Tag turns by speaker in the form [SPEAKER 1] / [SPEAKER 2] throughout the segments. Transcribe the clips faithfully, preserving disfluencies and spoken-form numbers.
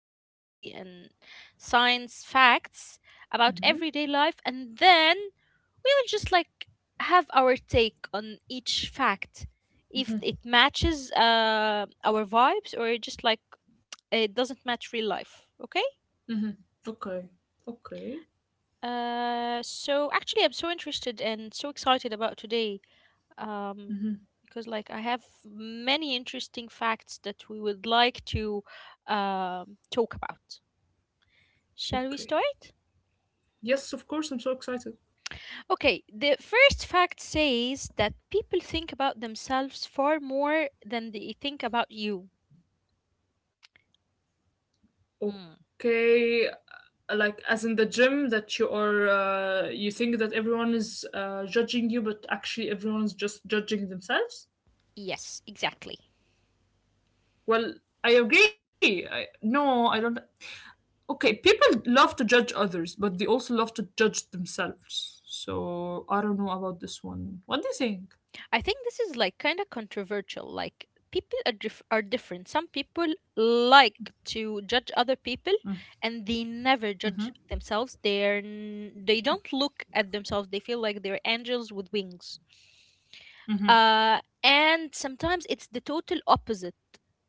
[SPEAKER 1] psychology and science facts about everyday life, and then we will just like have our take on each fact if it matches uh, our vibes or just like it doesn't match real life. Okay. Uh so actually, I'm so interested and so excited about today, um because like I have many interesting facts that we would like to um talk about. Shall we start? Okay, the first fact says that people think about themselves far more than they think about you. Hmm. Yes, exactly. I think this is like kind of controversial. Like people are dif- are different. Some people like to judge other people, and they never judge themselves. They're n- they don't look at themselves. They feel like they're angels with wings. Uh, and sometimes it's the total opposite.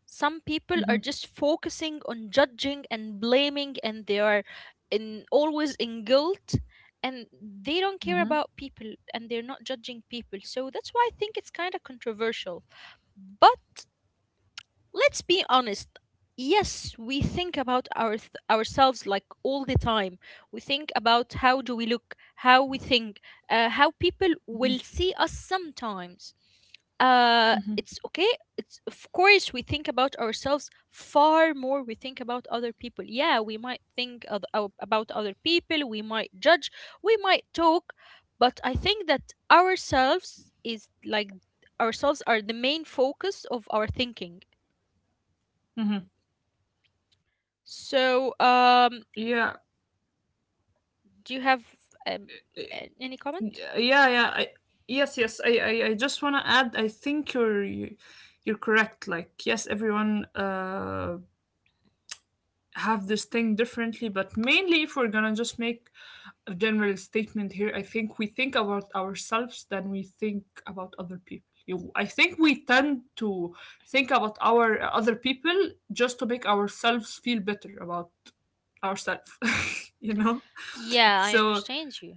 [SPEAKER 1] Some people are just focusing on judging and blaming, and they are in always in guilt, and they don't care about people, and they're not judging people. So that's why I think it's kind of controversial, but let's be honest. Yes, we think about our th- ourselves like all the time. We think about how do we look, how we think, uh, how people will see us sometimes. Uh, it's okay. It's of course we think about ourselves far more. We think about other people. Yeah, we might think of, of- about other people. We might judge. We might talk, but I think that ourselves is like ourselves are the main focus of our thinking. So, um, do you have um, a- any comment? Yeah, I understand you.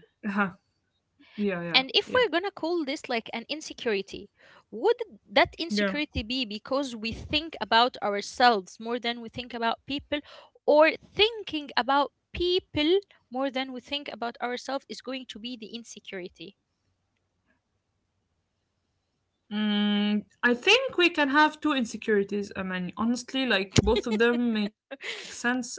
[SPEAKER 1] And if we're gonna call this like an insecurity, would that insecurity be because we think about ourselves more than we think about people, or thinking about people more than we think about ourselves is going to be the insecurity?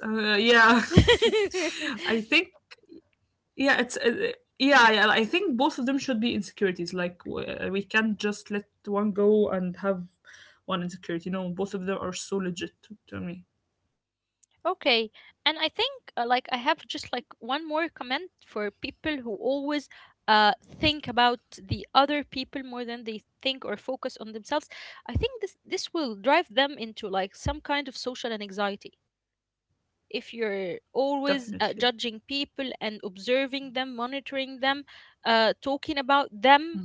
[SPEAKER 1] Okay, and I think uh, like I have just like one more comment for people who always uh think about the other people more than they think or focus on themselves. I think this this will drive them into like some kind of social anxiety. If you're always uh, judging people and observing them, monitoring them, uh, talking about them,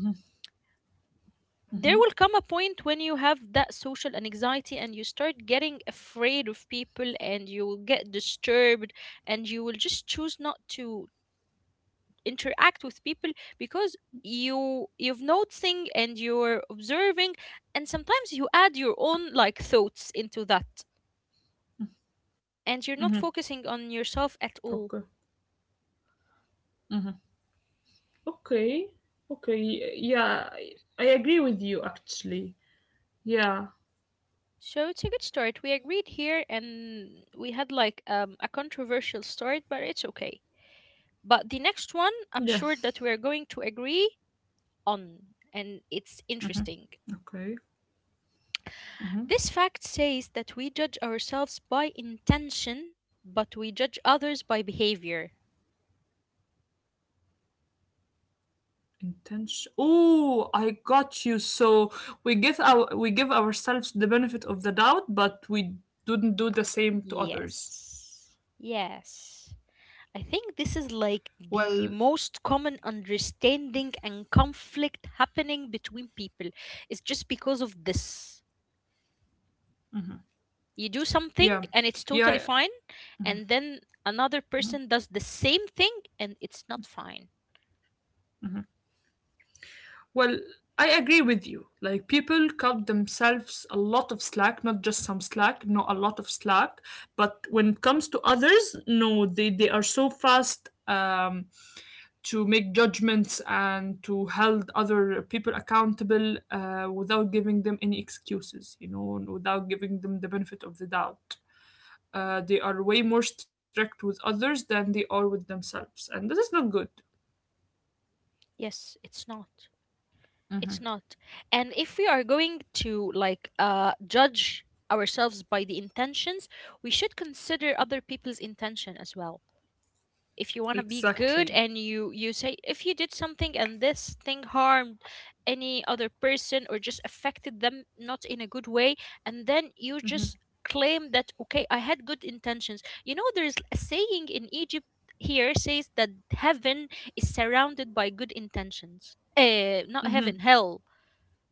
[SPEAKER 1] there will come a point when you have that social anxiety, and you start getting afraid of people, and you will get disturbed, and you will just choose not to interact with people, because you you've noticing and you're observing, and sometimes you add your own like thoughts into that, and you're not focusing on yourself at all. So it's a good start. We agreed here, and we had like um, a controversial start, but it's okay. But the next one, I'm sure that we are going to agree on, and it's interesting. This fact says that we judge ourselves by intention, but we judge others by behavior. Yes. Yes. I think this is like the most common understanding and conflict happening between people. It's just because of this. You do something and it's totally fine, and then another person does the same thing and it's not fine. Yes, it's not. It's not. And if we are going to like uh judge ourselves by the intentions, we should consider other people's intention as well. If you want to be good, and you you say, if you did something and this thing harmed any other person or just affected them not in a good way, and then you just claim that, okay, I had good intentions. You know, there's a saying in Egypt here, says that heaven is surrounded by good intentions. Uh not heaven, hell.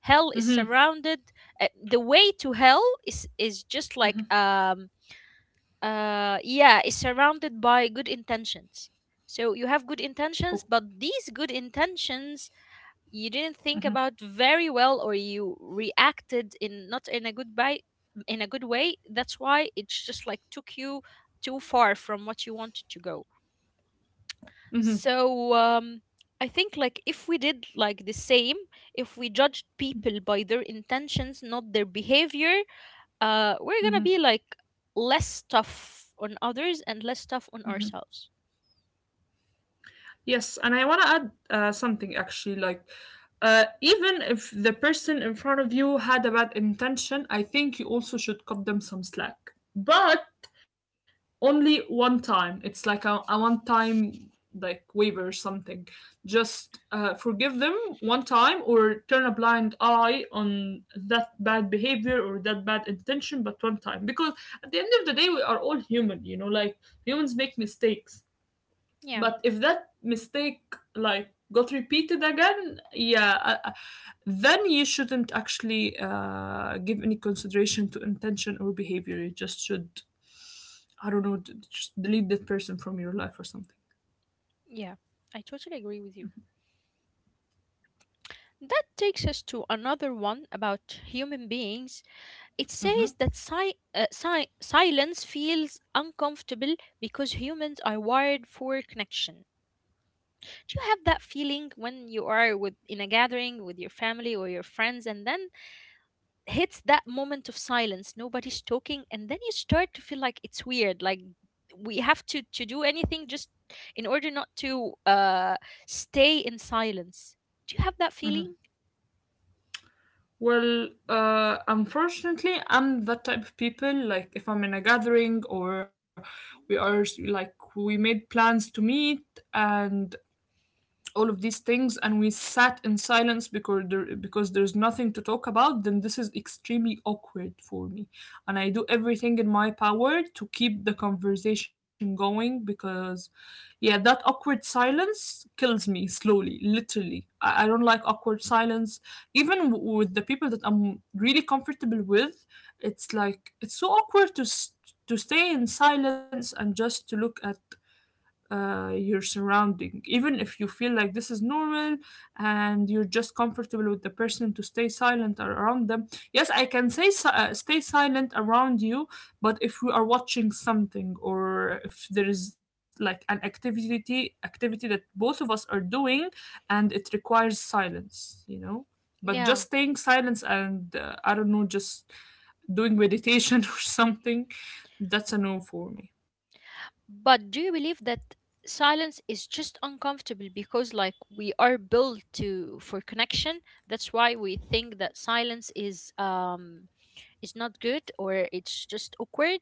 [SPEAKER 1] Hell is surrounded uh, The way to hell is is just like um uh yeah, is surrounded by good intentions. So you have good intentions, but these good intentions, you didn't think about very well, or you reacted in, not in a good by in a good way. That's why it's just like took you too far from what you wanted to go. So, um I think like if we did like the same, if we judged people by their intentions, not their behavior, uh, we're gonna be like less tough on others and less tough on ourselves. Yeah, yeah, I totally agree with you. That takes us to another one about human beings. It says that si- uh, si- silence feels uncomfortable because humans are wired for connection. Do you have that feeling when you are with in a gathering with your family or your friends, and then hits that moment of silence, nobody's talking, and then you start to feel like it's weird, like we have to to do anything just in order not to uh stay in silence. Do you have that feeling? Yeah. But do you believe that silence is just uncomfortable because like we are built to for connection, that's why we think that silence is um is not good, or it's just awkward?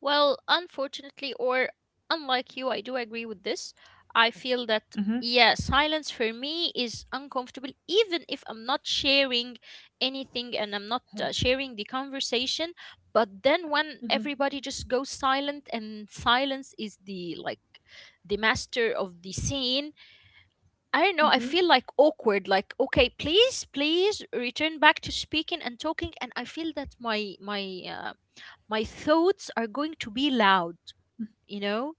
[SPEAKER 1] Well, unfortunately, or unlike you, I do agree with this. I feel that, yeah, silence for me is uncomfortable, even if I'm not sharing anything, and I'm not uh, sharing the conversation. But then when everybody just goes silent and silence is the like the master of the scene, I don't know. I feel like awkward. Like, okay, please, please return back to speaking and talking. And I feel that my my uh, my thoughts are going to be loud. You know,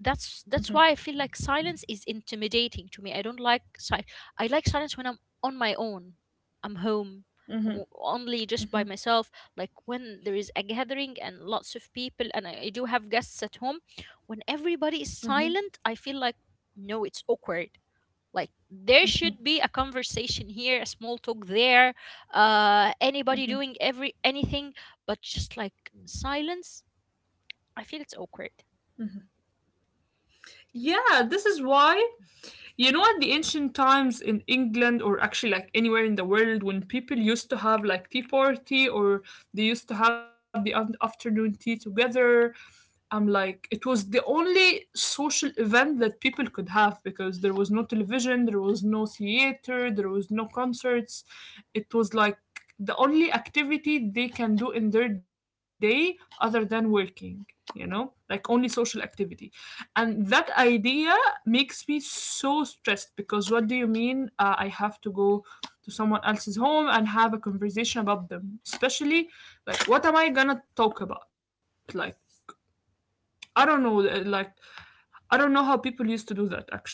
[SPEAKER 1] that's that's why I feel like silence is intimidating to me. I don't like silence. I like silence when I'm on my own. I'm home. I'm o- only just by myself. Like when there is a gathering and lots of people, and I, I do have guests at home. When everybody is silent, I feel like, no, it's awkward. Like there should be a conversation here, a small talk there, uh anybody doing every anything but just like silence. I feel it's awkward.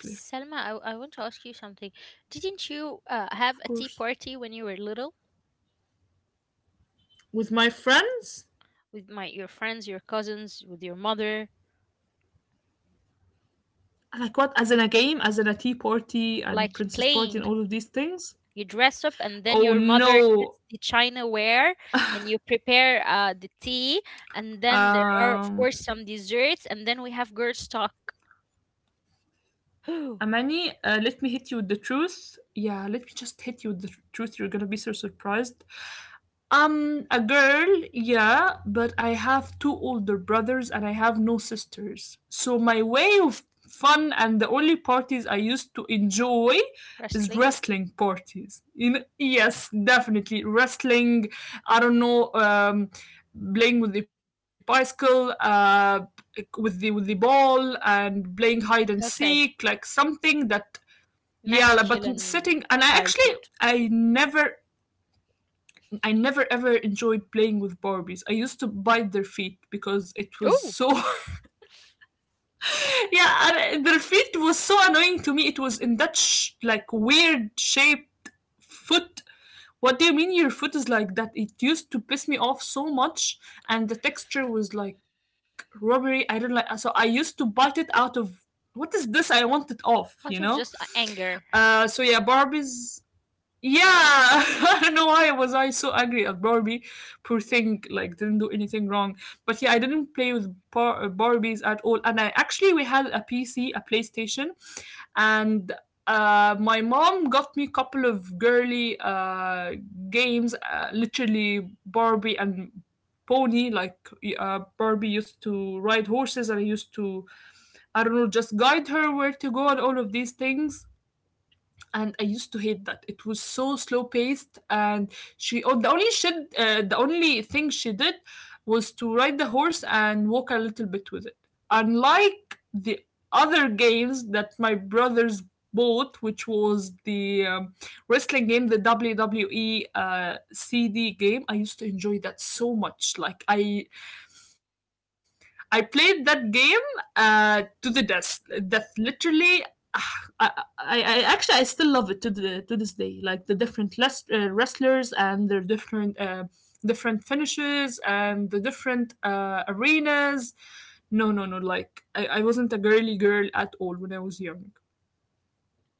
[SPEAKER 1] Selma, I, I want to ask you something. Didn't you uh, have a tea party when you were little with my your friends, your cousins, with your mother? Like playing, you dress up, and then your mother gets the chinaware, and you prepare uh, the tea, and then there are of course some desserts, and then we have girls talk. Wrestling? Okay. Masculine childhood. Oh, out of just a- anger.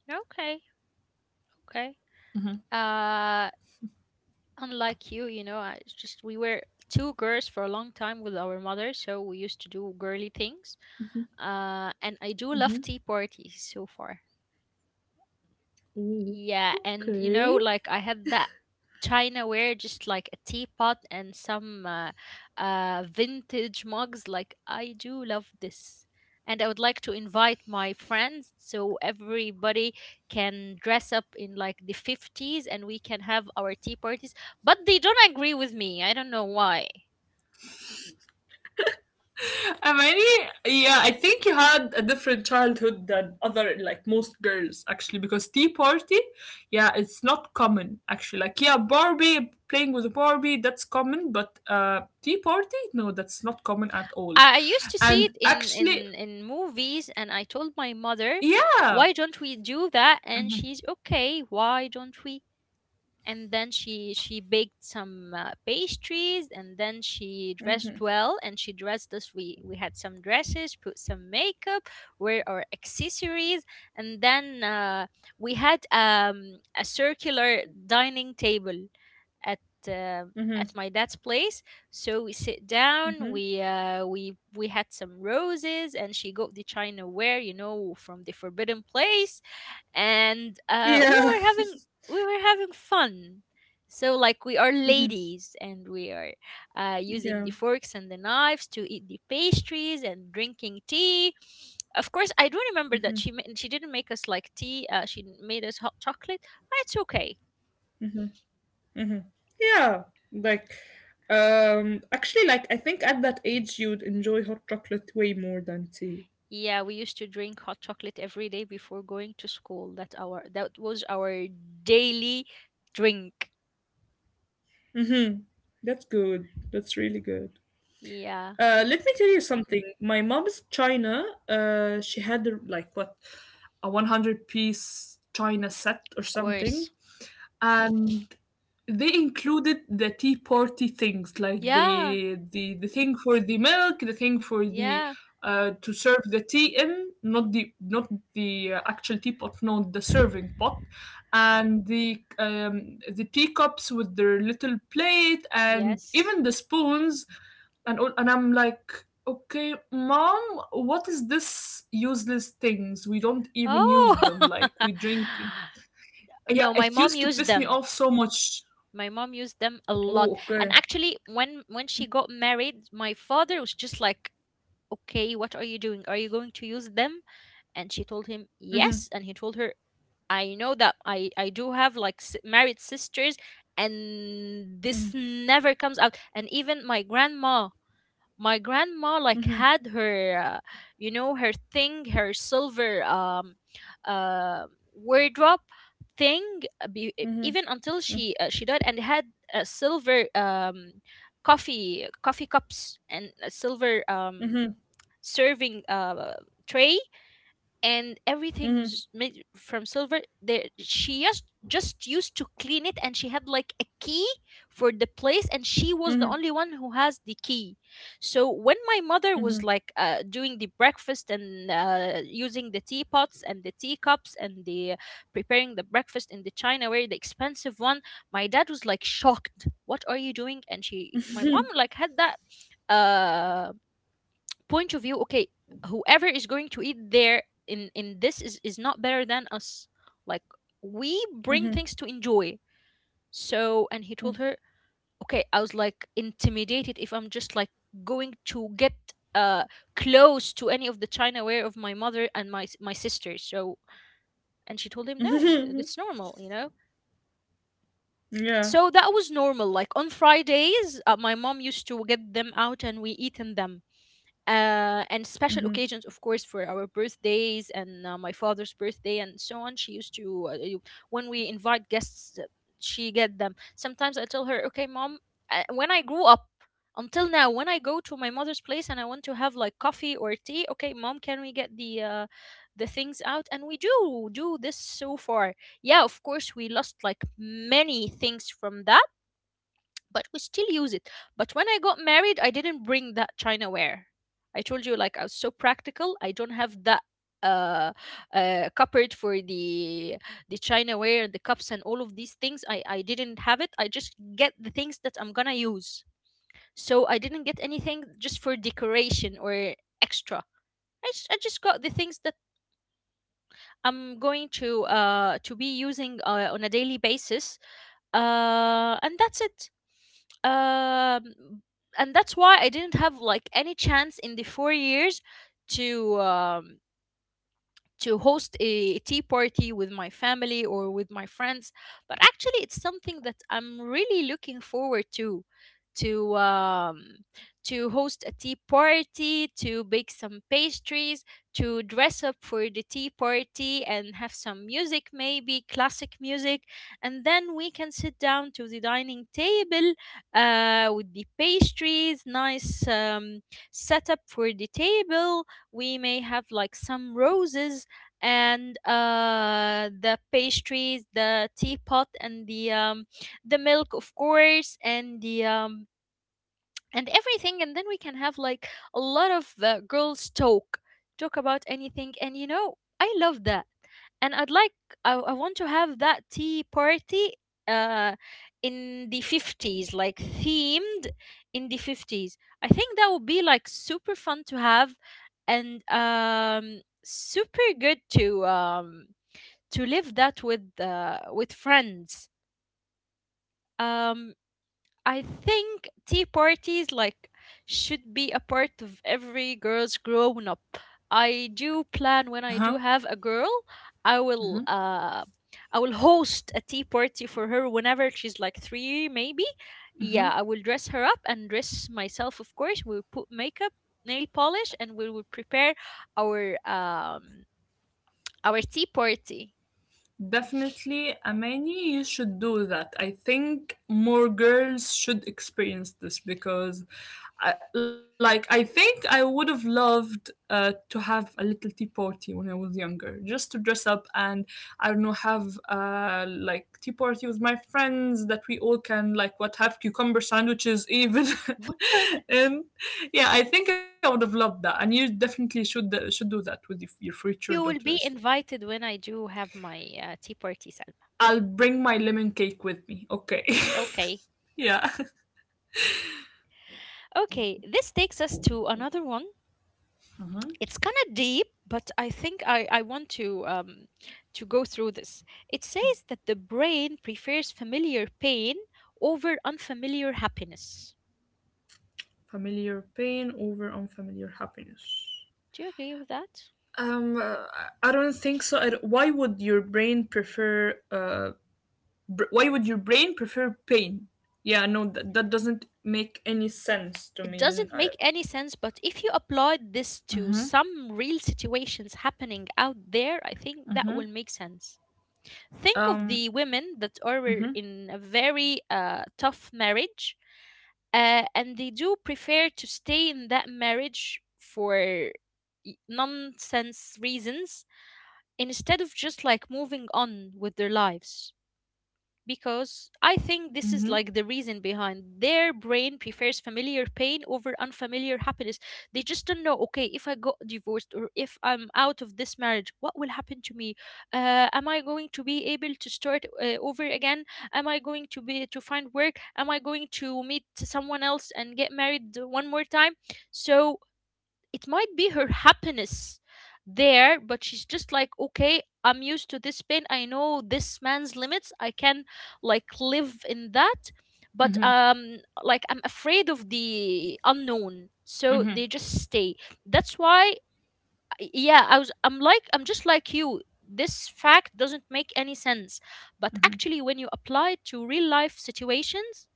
[SPEAKER 1] Okay, okay. Uh, unlike you, you know, I just we were two girls for a long time with our mother, so we used to do girly things. Uh, and I do love tea parties so far. Yeah, and you know, like I had that Chinaware, just like a teapot and some uh, uh, vintage mugs. Like I do love this, and I would like to invite my friends so everybody can dress up in like the fifties, and we can have our tea parties. But they don't agree with me. I don't know why. I, I used to see it in in in movies, and I told my mother. Why don't we do that? And she's okay. Why don't we? And then she she baked some uh, pastries, and then she dressed well, and she dressed us. We we had some dresses, put some makeup, wear our accessories, and then uh, we had um, a circular dining table at uh, at my dad's place. So we sit down. We uh, we we had some roses, and she got the china ware, you know, from the forbidden place. And uh, we were having we were having fun. So like we are ladies, and we are uh, using the forks and the knives to eat the pastries and drinking tea. Of course, I do remember that she ma- she didn't make us like tea. Uh, she made us hot chocolate. But it's okay. Yeah, we used to drink hot chocolate every day before going to school. That our that was our daily drink. Yeah, of course. Yeah, yeah, yes. Oh. No, my mom used them. My mom used them a lot. And actually, when when she got married, my father was just like, "Okay, what are you doing? Are you going to use them?" And she told him, "Yes." And he told her, "I know that I I do have like s- married sisters and this never comes out." And even my grandma my grandma like had her uh, you know her thing, her silver um uh wardrobe thing, uh, be, e- even until she uh, she died. And had uh, silver um coffee coffee cups and a silver um serving uh tray, and everything was made from silver there. She just just used to clean it, and she had like a key for the place, and she was the only one who has the key. So when my mother was like uh, doing the breakfast and uh, using the teapots and the teacups and the preparing the breakfast in the chinaware, the expensive one, my dad was like shocked, what are you doing? And she my mom like had that uh point of view. Okay, whoever is going to eat there in in this is is not better than us, like we bring things to enjoy. So and he told her, okay, I was like intimidated if I'm just like going to get uh close to any of the china ware of my mother and my s- my sister. So and she told him, no, it's normal, you know. So that was normal, like on Fridays uh, my mom used to get them out and we eat in them, uh, and special occasions, of course, for our birthdays and uh, my father's birthday and so on. She used to, uh, you- when we invite guests, uh, she get them. Sometimes I tell her, okay, mom, uh, when I grew up until now, when I go to my mother's place and I want to have like coffee or tea, okay, mom, can we get the uh, the things out? And we do do this so far. Yeah, of course, we lost like many things from that, but we still use it. But when I got married, I didn't bring that chinaware. I told you, like, I was so practical. I don't have that uh, uh cupboard for the the chinaware and the cups and all of these things. I I didn't have it. I just get the things that I'm gonna use. So I didn't get anything just for decoration or extra. I just, I just got the things that I'm going to uh to be using uh, on a daily basis, uh, and that's it. Um, and that's why I didn't have like any chance in the four years to um, to host a tea party with my family or with my friends. But actually it's something that I'm really looking forward to, to um, to host a tea party, to bake some pastries, to dress up for the tea party and have some music, maybe classic music, and then we can sit down to the dining table uh, with the pastries, nice um, setup for the table. We may have like some roses and uh, the pastries, the teapot, and the um, the milk, of course, and the um, and everything. And then we can have like a lot of uh, girls talk, talk about anything, and you know, I love that. And I'd like, i, I want to have that tea party uh in the fifties, like themed in the fifties. I think that would be like super fun to have, and um super good to um to live that with uh with friends. um I think tea parties like should be a part of every girl's grown up. I do plan, when I do
[SPEAKER 2] Uh-huh.
[SPEAKER 1] have a girl, I will
[SPEAKER 2] Mhm,
[SPEAKER 1] uh I will host a tea party for her whenever she's like three maybe.
[SPEAKER 2] mhm.
[SPEAKER 1] Yeah, I will dress her up and dress myself, of course. We'll put makeup, nail polish, and we will prepare our um our tea party.
[SPEAKER 2] Definitely, Amani, you should do that. I think more girls should experience this because, I, like, I think I would have loved uh, to have a little tea party when I was younger, just to dress up and I don't know, have uh, like tea party with my friends that we all can like what have cucumber sandwiches even, and yeah, I think I would have loved that. And you definitely should uh, should do that with your future
[SPEAKER 1] You will
[SPEAKER 2] daughters.
[SPEAKER 1] be invited when I do have my uh, tea party, Salma.
[SPEAKER 2] I'll bring my lemon cake with me. Okay.
[SPEAKER 1] Okay.
[SPEAKER 2] Yeah.
[SPEAKER 1] Okay, this takes us to another one.
[SPEAKER 2] Uh-huh.
[SPEAKER 1] It's kind of deep, but I think I, I want to um, to go through this. It says that the brain prefers familiar pain over unfamiliar happiness.
[SPEAKER 2] Familiar pain over unfamiliar happiness.
[SPEAKER 1] Do you agree with that?
[SPEAKER 2] Um, uh, I don't think so. I don't- Why would your brain prefer? Uh, br- why would your brain prefer pain? Yeah, no, that that doesn't make any sense to
[SPEAKER 1] It
[SPEAKER 2] me.
[SPEAKER 1] doesn't
[SPEAKER 2] I.
[SPEAKER 1] make any sense, but if you apply this to some real situations happening out there, I think that will make sense. Think of
[SPEAKER 2] Um.
[SPEAKER 1] the women that are
[SPEAKER 2] Mm-hmm.
[SPEAKER 1] in a very uh, tough marriage, uh, and they do prefer to stay in that marriage for y- nonsense reasons, instead of just like moving on with their lives, because I think this is
[SPEAKER 2] Mm-hmm.
[SPEAKER 1] like the reason behind their brain prefers familiar pain over unfamiliar happiness. They just don't know, okay, if I got divorced or if I'm out of this marriage, what will happen to me? Uh, am I going to be able to start uh, over again? Am I going to be to find work? Am I going to meet someone else and get married one more time? So it might be her happiness there, but she's just like, okay, I'm used to this pain, I know this man's limits, I can like live in that. But
[SPEAKER 2] Mm-hmm.
[SPEAKER 1] um like I'm afraid of the unknown, so they just stay. That's why, yeah, i was I'm like, I'm just like you, this fact doesn't make any sense. But actually when you apply it to real life situations,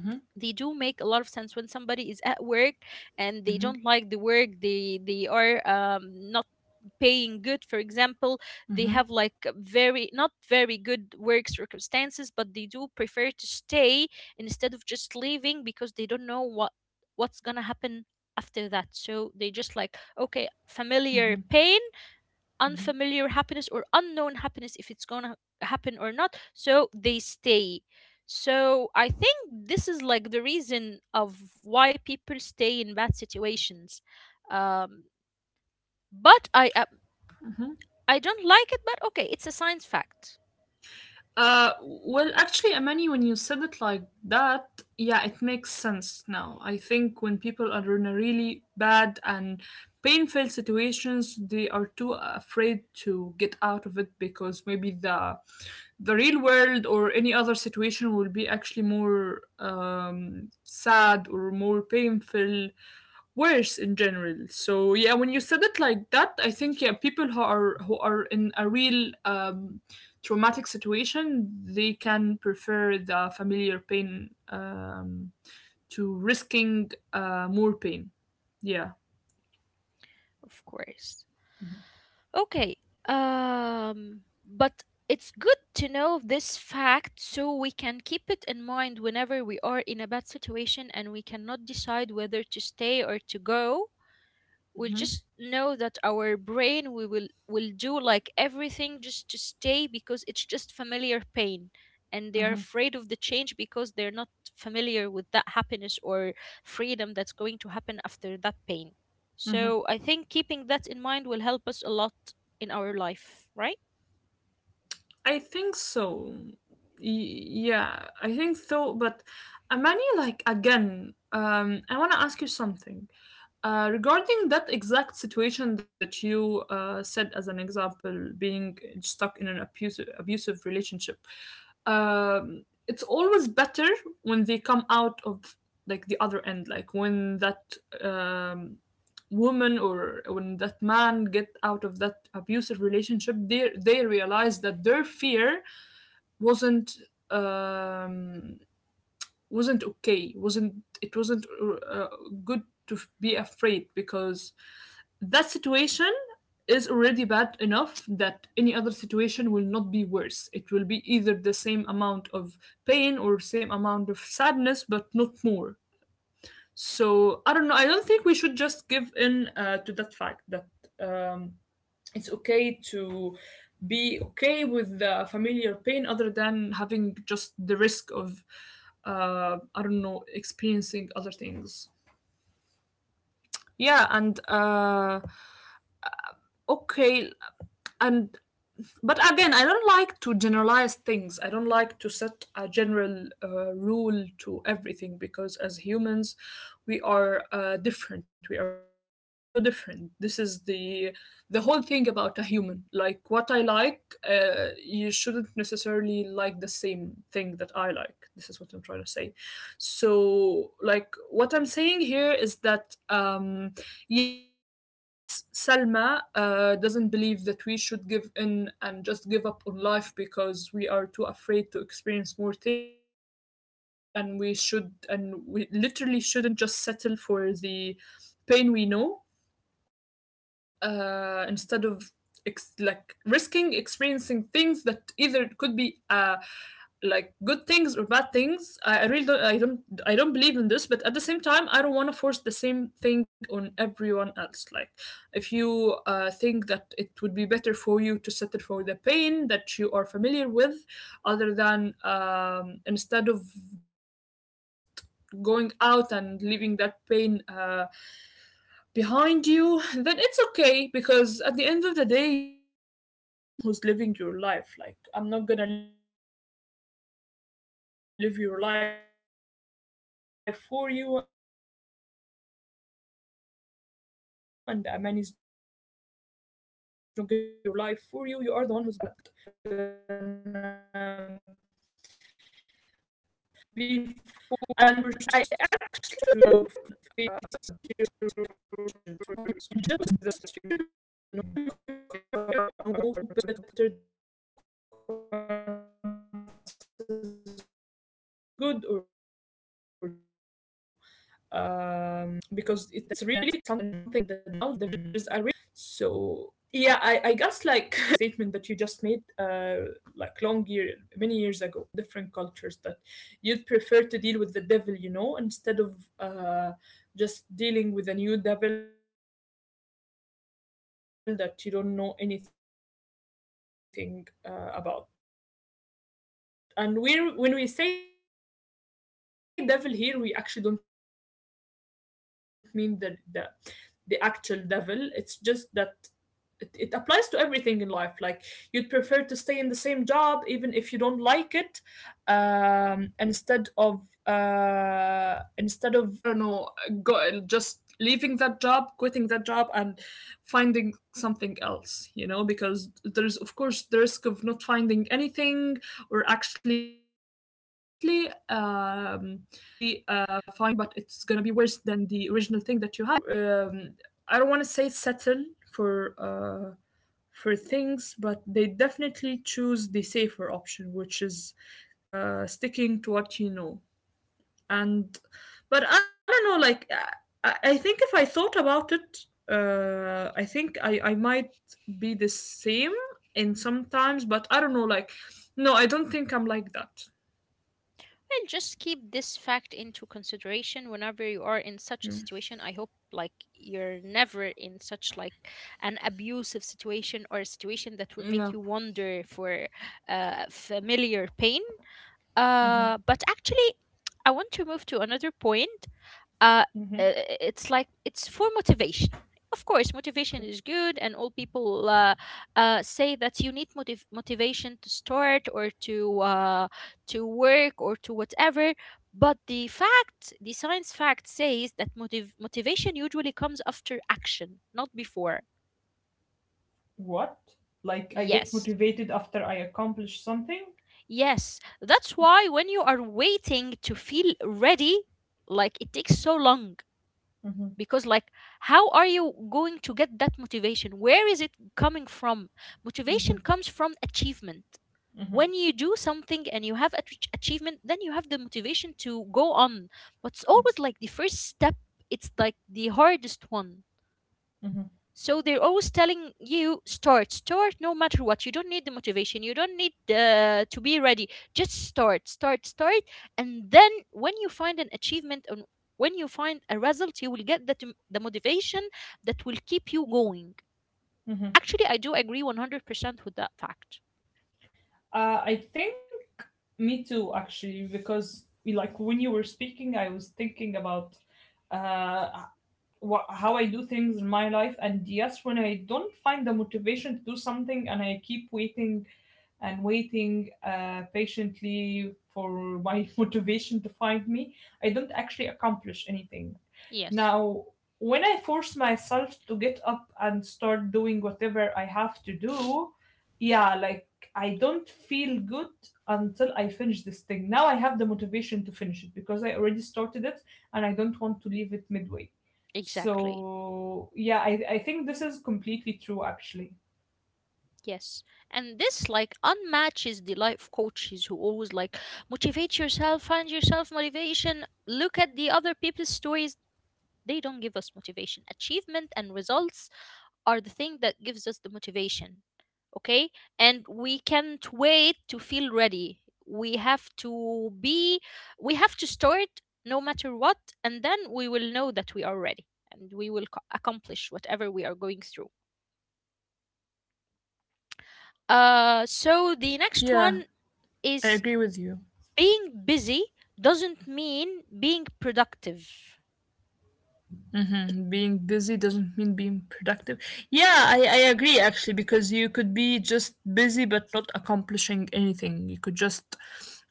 [SPEAKER 2] Mm-hmm.
[SPEAKER 1] they do make a lot of sense. When somebody is at work and they
[SPEAKER 2] Mm-hmm.
[SPEAKER 1] don't like the work, they they are um, not paying good, for example. They
[SPEAKER 2] Mm-hmm.
[SPEAKER 1] have like very not very good work circumstances, but they do prefer to stay instead of just leaving because they don't know what what's gonna happen after that. So they just like, okay, familiar pain, unfamiliar happiness or unknown happiness, if it's going to happen or not, so they stay. So I think this is like the reason of why people stay in bad situations. um but i uh, I don't like it, but okay, it's a science fact.
[SPEAKER 2] Uh, well, actually, Amani, when you said it like that, yeah, it makes sense now. I think when people are in a really bad and painful situations, they are too afraid to get out of it because maybe the the real world or any other situation will be actually more um, sad or more painful, worse in general. So yeah, when you said it like that, I think, yeah, people who are who are in a real, um traumatic situation, they can prefer the familiar pain, um, to risking uh, more pain. Yeah.
[SPEAKER 1] Of course. Okay. um but it's good to know this fact so we can keep it in mind whenever we are in a bad situation and we cannot decide whether to stay or to go. We'll just know that our brain we will will do like everything just to stay because it's just familiar pain, and they are afraid of the change because they're not familiar with that happiness or freedom that's going to happen after that pain.
[SPEAKER 2] hmm
[SPEAKER 1] So I think keeping that in mind will help us a lot in our life, right?
[SPEAKER 2] I think so. Y- yeah, I think so. But Amani, like again, um, I want to ask you something uh, regarding that exact situation that you uh, said as an example, being stuck in an abusive abusive relationship. Um, it's always better when they come out of like the other end, like when that um, woman or when that man get out of that abusive relationship, they they realize that their fear wasn't, um wasn't okay, wasn't it, wasn't, uh, good to be afraid because that situation is already bad enough that any other situation will not be worse. It will be either the same amount of pain or same amount of sadness, but not more. So I don't know. I don't think we should just give in uh, to that fact that um, it's okay to be okay with the familiar pain other than having just the risk of uh, I don't know, experiencing other things. Yeah, and uh, okay, and. But again, I don't like to generalize things. I don't like to set a general uh, rule to everything because as humans, we are uh, different. We are so different. This is the the whole thing about a human. Like what I like, uh, you shouldn't necessarily like the same thing that I like. This is sex is what I'm trying to say. So like what I'm saying here is that, um yes, Salma uh, doesn't believe that we should give in and just give up on life because we are too afraid to experience more things, and we should, and we literally shouldn't just settle for the pain we know, uh, instead of ex- like risking experiencing things that either could be uh, like good things or bad things. I, I really don't, I don't I don't believe in this, but at the same time, I don't want to force the same thing on everyone else. Like, if you uh, think that it would be better for you to settle for the pain that you are familiar with, other than um, instead of just going out and leaving that pain uh, behind you, then it's okay because at the end of the day, you are the one who's living your life. Like, I'm not gonna live your life for you, and Aman is not gonna live uh, live your life for you. You are the one who's gonna be forced to face your the consequences of your own uh, decisions, whether they are good or they are bad. And I actually, I just remembered something now. There is a really common saying called "the devil you know better than the devil you don't know." So yeah, I, I guess, like, humanity uh, agreed on the statement that you just made, uh, like long year many years ago, um, because it's a really common saying, and and it's like spread all over the world in different cultures, that you'd prefer to deal with the devil you know instead of uh, just dealing with a new devil that you don't know anything uh, about. And we when we say devil here, we actually don't mean the the, the actual devil. It's just that it, it applies to everything in life, like you'd prefer to stay in the same job even if you don't like it, um instead of uh instead of um I don't know, go just leaving that job, quitting that job, and finding something else, you know because there's of course the risk of not finding anything, or actually uh, finding something but it's gonna be worse than the original thing that you have. So yeah, definitely, um I think humanity, since the old days, they prefer to. I don't know. I don't want to. Um, I don't want to say settle for uh, for things, but they definitely choose the safer option, which is uh, sticking to what you know. And but I don't know, like, i, I think if I thought about it, uh I think i i might be the same in sometimes, but I don't know, like, no, I don't think I'm like that.
[SPEAKER 1] And just keep this fact into consideration whenever you are in such a
[SPEAKER 2] Mm.
[SPEAKER 1] situation. I hope like you're never in such like an abusive situation or a situation that will make
[SPEAKER 2] Yeah.
[SPEAKER 1] you wonder for uh, familiar pain. Uh, but actually, I want to move to another point, uh, uh, it's like it's for motivation. Of course, motivation
[SPEAKER 2] Okay.
[SPEAKER 1] is good, and all people uh, uh, say that you need motiv- motivation to start or to uh, to work or to whatever. But the fact, the science fact says that motiv- motivation usually comes after action, not before.
[SPEAKER 2] What? Like I get
[SPEAKER 1] Yes,
[SPEAKER 2] motivated after I accomplish something?
[SPEAKER 1] yes. That's why when you are waiting to feel ready, like it takes so long,
[SPEAKER 2] Mm-hmm.
[SPEAKER 1] because like how are you going to get that motivation, where is it coming from? Motivation comes from achievement. When you do something and you have ach- achievement, then you have the motivation to go on. But it's always like the first step, it's like the hardest one.
[SPEAKER 2] Mm-hmm.
[SPEAKER 1] So they're always telling you, start, start, no matter what. You don't need the motivation. You don't need uh, to be ready. Just start, start, start. And then when you find an achievement and when you find a result, you will get that m- the motivation that will keep you going.
[SPEAKER 2] Mm-hmm.
[SPEAKER 1] Actually, I do agree one hundred percent with that fact.
[SPEAKER 2] Uh, I think me too, actually, because like when you were speaking, I was thinking about uh, wha how I do things in my life. And yes, when I don't find the motivation to do something and I keep waiting and waiting uh, patiently for my motivation to find me, I don't actually accomplish anything.
[SPEAKER 1] Yes,
[SPEAKER 2] Now, when I force myself to get up and start doing whatever I have to do, yeah, like, I don't feel good until I finish this thing. Now I have the motivation to finish it because I already started it, and I don't want to leave it midway.
[SPEAKER 1] exactly.
[SPEAKER 2] So yeah, I, I think this is completely true, actually.
[SPEAKER 1] Yes. And this like unmatches the life coaches who always like, motivate yourself, find yourself motivation, look at the other people's stories. They don't give us motivation. Achievement and results are the thing that gives us the motivation, okay? And we can't wait to feel ready. We have to be, we have to start no matter what, and then we will know that we are ready and we will co- accomplish whatever we are going through. Uh, so the next
[SPEAKER 2] Yeah,
[SPEAKER 1] one
[SPEAKER 2] I
[SPEAKER 1] is,
[SPEAKER 2] agree with you.
[SPEAKER 1] being busy doesn't mean being productive.
[SPEAKER 2] hmm Being busy doesn't mean being productive. Yeah, I, I agree, actually, because you could be just busy but not accomplishing anything. You could just,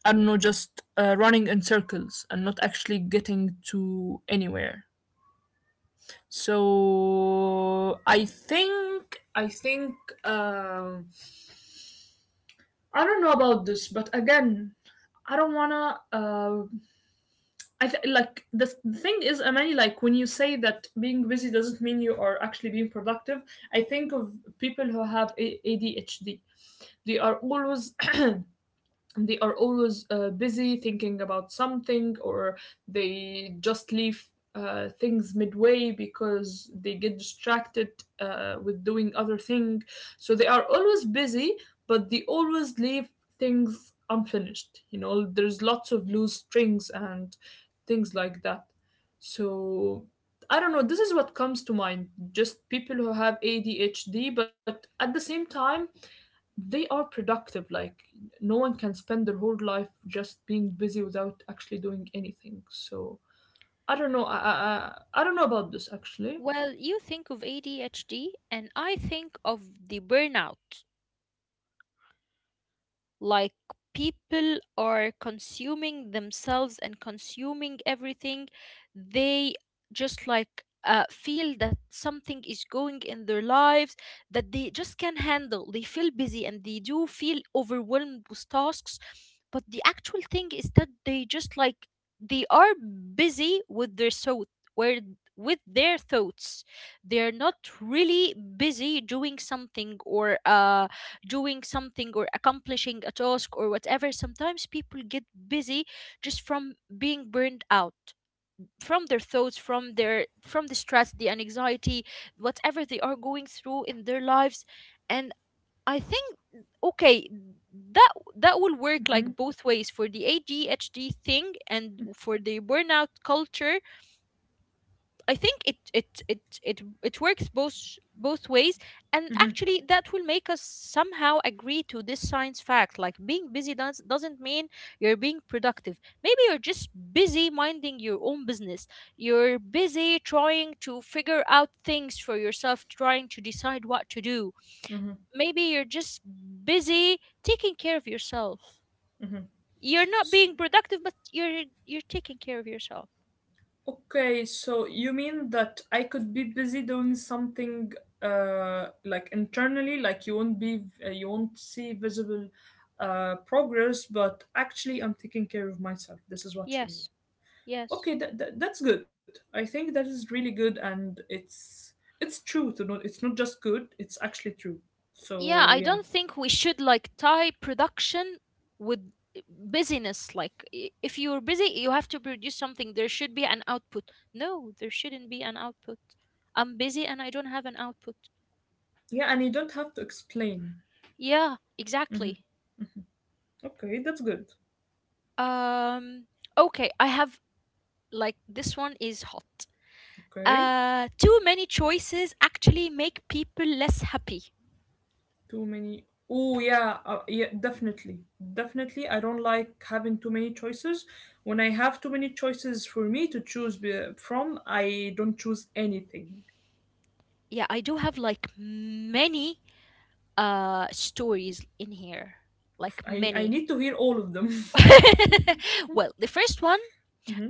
[SPEAKER 2] I don't know, just uh, running in circles and not actually getting to anywhere. So I think I think, um, I don't know about this, but again, I don't wanna. Uh, I th- like the, th- the thing is, Amani, like when you say that being busy doesn't mean you are actually being productive, I think of people who have A- ADHD. They are always they are always uh, busy thinking about something, or they just leave uh, things midway because they get distracted uh, with doing other thing, so they are always busy but they always leave things unfinished, you know, there's lots of loose strings and things like that. So I don't know, this is what comes to mind. Just people who have A D H D, but at the same time, they are productive, like no one can spend their whole life just being busy without actually doing anything. So I don't know, i i, I I don't know about this, actually.
[SPEAKER 1] Well, you think of A D H D, and I think of the burnout. Like people are consuming themselves and consuming everything. They just like uh, feel that something is going in their lives that they just can handle. They feel busy and they do feel overwhelmed with tasks. But the actual thing is that they just like, they are busy with their so where with their thoughts. They are not really busy doing something or uh doing something or accomplishing a task or whatever. Sometimes people get busy just from being burned out, from their thoughts, from their from the stress, the anxiety, whatever they are going through in their lives. And I think, okay, that that will work like both ways, for the ADHD thing and for the burnout culture. I think it it it it it works both both ways, and actually that will make us somehow agree to this science fact. Like being busy does doesn't mean you're being productive. Maybe you're just busy minding your own business. You're busy trying to figure out things for yourself, trying to decide what to do.
[SPEAKER 2] Mm-hmm.
[SPEAKER 1] Maybe you're just busy taking care of yourself. You're not
[SPEAKER 2] S
[SPEAKER 1] being productive, but you're you're taking care of yourself.
[SPEAKER 2] okay, so you mean that I could be busy doing something uh like internally, like you won't be uh, you won't see visible uh progress, but actually I'm taking care of myself. This is what you mean.
[SPEAKER 1] Yes. Yes.
[SPEAKER 2] Okay, that, that that's good. I think that is really good, and it's it's true. To not It's not just good, it's actually true. So
[SPEAKER 1] Yeah, I
[SPEAKER 2] yeah.
[SPEAKER 1] don't think we should like tie production with busyness. Like, i- if you're busy, you have to produce something. There should be an output. No, there shouldn't be an output. I'm busy and I don't have an output.
[SPEAKER 2] Yeah, and you don't have to explain.
[SPEAKER 1] Yeah,
[SPEAKER 2] Hmm.
[SPEAKER 1] exactly.
[SPEAKER 2] Okay, that's good.
[SPEAKER 1] Um, okay, I have like this one is hot.
[SPEAKER 2] Okay.
[SPEAKER 1] Uh, too many choices actually make people less happy.
[SPEAKER 2] Too many, oh yeah, uh, yeah, definitely. Definitely, I don't like having too many choices. When I have too many choices for me to choose be- from, I don't choose anything.
[SPEAKER 1] Yeah, I do have like many uh stories in here. Like
[SPEAKER 2] I, I
[SPEAKER 1] many
[SPEAKER 2] need to hear all of them.
[SPEAKER 1] Well, the first one,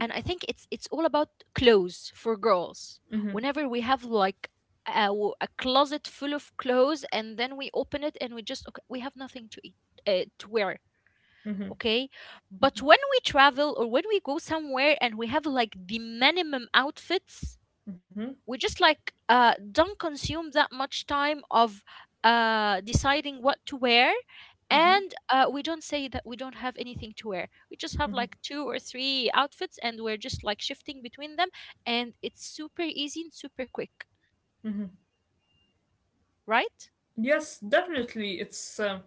[SPEAKER 1] and I think it's it's all about clothes for girls. Whenever we have like a, w- a closet full of clothes, and then we open it and we just okay, we have nothing to eat uh, to wear. Okay, but when we travel or when we go somewhere and we have like the minimum outfits,
[SPEAKER 2] Hmm.
[SPEAKER 1] we just like uh, don't consume that much time of uh, deciding what to wear, and uh, we don't say that we don't have anything to wear. We just have like two or three outfits, and we're just like shifting between them, and it's super easy and super quick,
[SPEAKER 2] Hmm.
[SPEAKER 1] right?
[SPEAKER 2] Yes, definitely. It's um,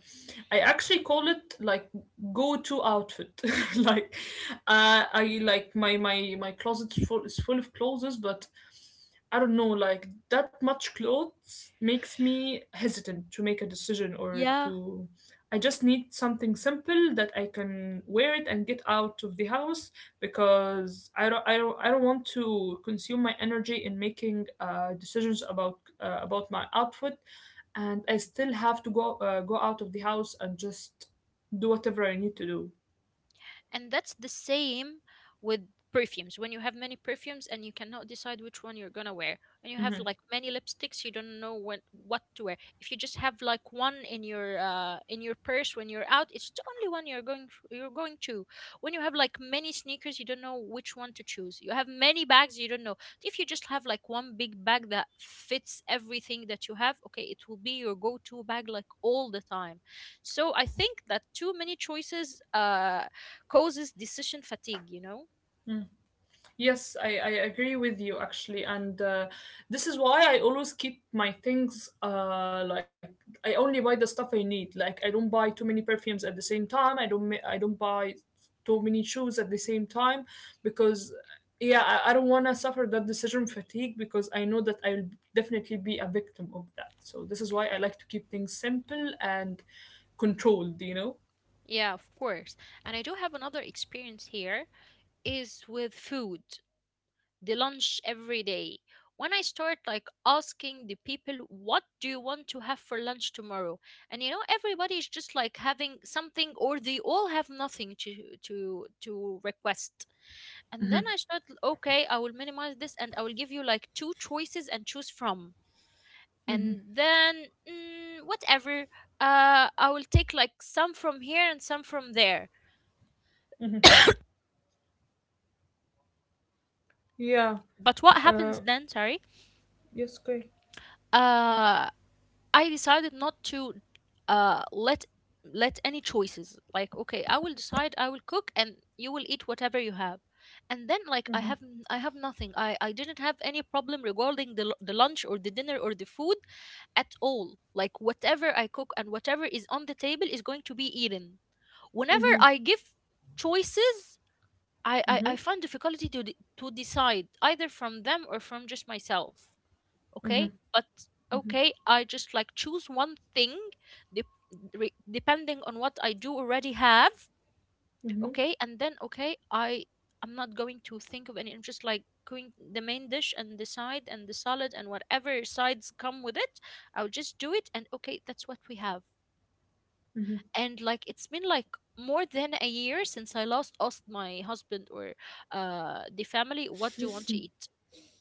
[SPEAKER 2] I actually call it, like, go-to outfit. Like, uh, I like, my my my closet is full, is full of clothes, but I don't know. Like that much clothes makes me hesitant to make a decision or
[SPEAKER 1] Yeah.
[SPEAKER 2] to. I just need something simple that I can wear it and get out of the house, because I don't I don't I don't want to consume my energy in making uh, decisions about uh, about my outfit, and I still have to go uh, go out of the house and just do whatever I need to do.
[SPEAKER 1] And that's the same with perfumes. When you have many perfumes and you cannot decide which one you're gonna wear, and you have
[SPEAKER 2] Mm-hmm.
[SPEAKER 1] like many lipsticks, you don't know when what to wear. If you just have like one in your uh, in your purse when you're out, it's the only one you're going f- you're going to. When you have like many sneakers, you don't know which one to choose. You have many bags, you don't know. If you just have like one big bag that fits everything that you have, okay, it will be your go-to bag like all the time. So I think that too many choices uh causes decision fatigue, you know?
[SPEAKER 2] Yes, I, I agree with you, actually, and uh, this is why I always keep my things uh like I only buy the stuff I need. Like I don't buy too many perfumes at the same time. I don't ma- I don't buy too many shoes at the same time because yeah, I, I don't want to suffer that decision fatigue because I know that I'll definitely be a victim of that. So this is why I like to keep things simple and controlled. You
[SPEAKER 1] Yeah, of course. And I do have another experience here is with food, the lunch every day. When I start like asking the people, what do you want to have for lunch tomorrow? And you know, everybody is just like having something or they all have nothing to to to request. And then
[SPEAKER 2] know.
[SPEAKER 1] I start, okay, I will minimize this and I will give you like two choices and choose from. And then mm, whatever, uh I will take like some from here and some from there.
[SPEAKER 2] Yeah.
[SPEAKER 1] But what
[SPEAKER 2] Uh.
[SPEAKER 1] happens then, sorry,
[SPEAKER 2] Yes. Okay.
[SPEAKER 1] uh I decided not to uh let let any choices. Like, okay, I will decide, I will cook and you will eat whatever you have. And then like i have n- i have nothing. I i didn't have any problem regarding the, lu- the lunch or the dinner or the food at all. Like whatever I cook and whatever is on the table is going to be eaten. Whenever I give choices, I, I,
[SPEAKER 2] Mm-hmm.
[SPEAKER 1] I find difficulty to de- to decide either from them or from just myself. Okay, but okay, I just like choose one thing, de- re- depending on what I do already have.
[SPEAKER 2] Mm-hmm.
[SPEAKER 1] Okay, and then okay, I I'm not going to think of any. I'm just like going the main dish and the side and the salad and whatever sides come with it. I'll just do it, and okay, that's what we have. And like it's been like more than a year since I last asked my husband or uh the family what do you want to eat.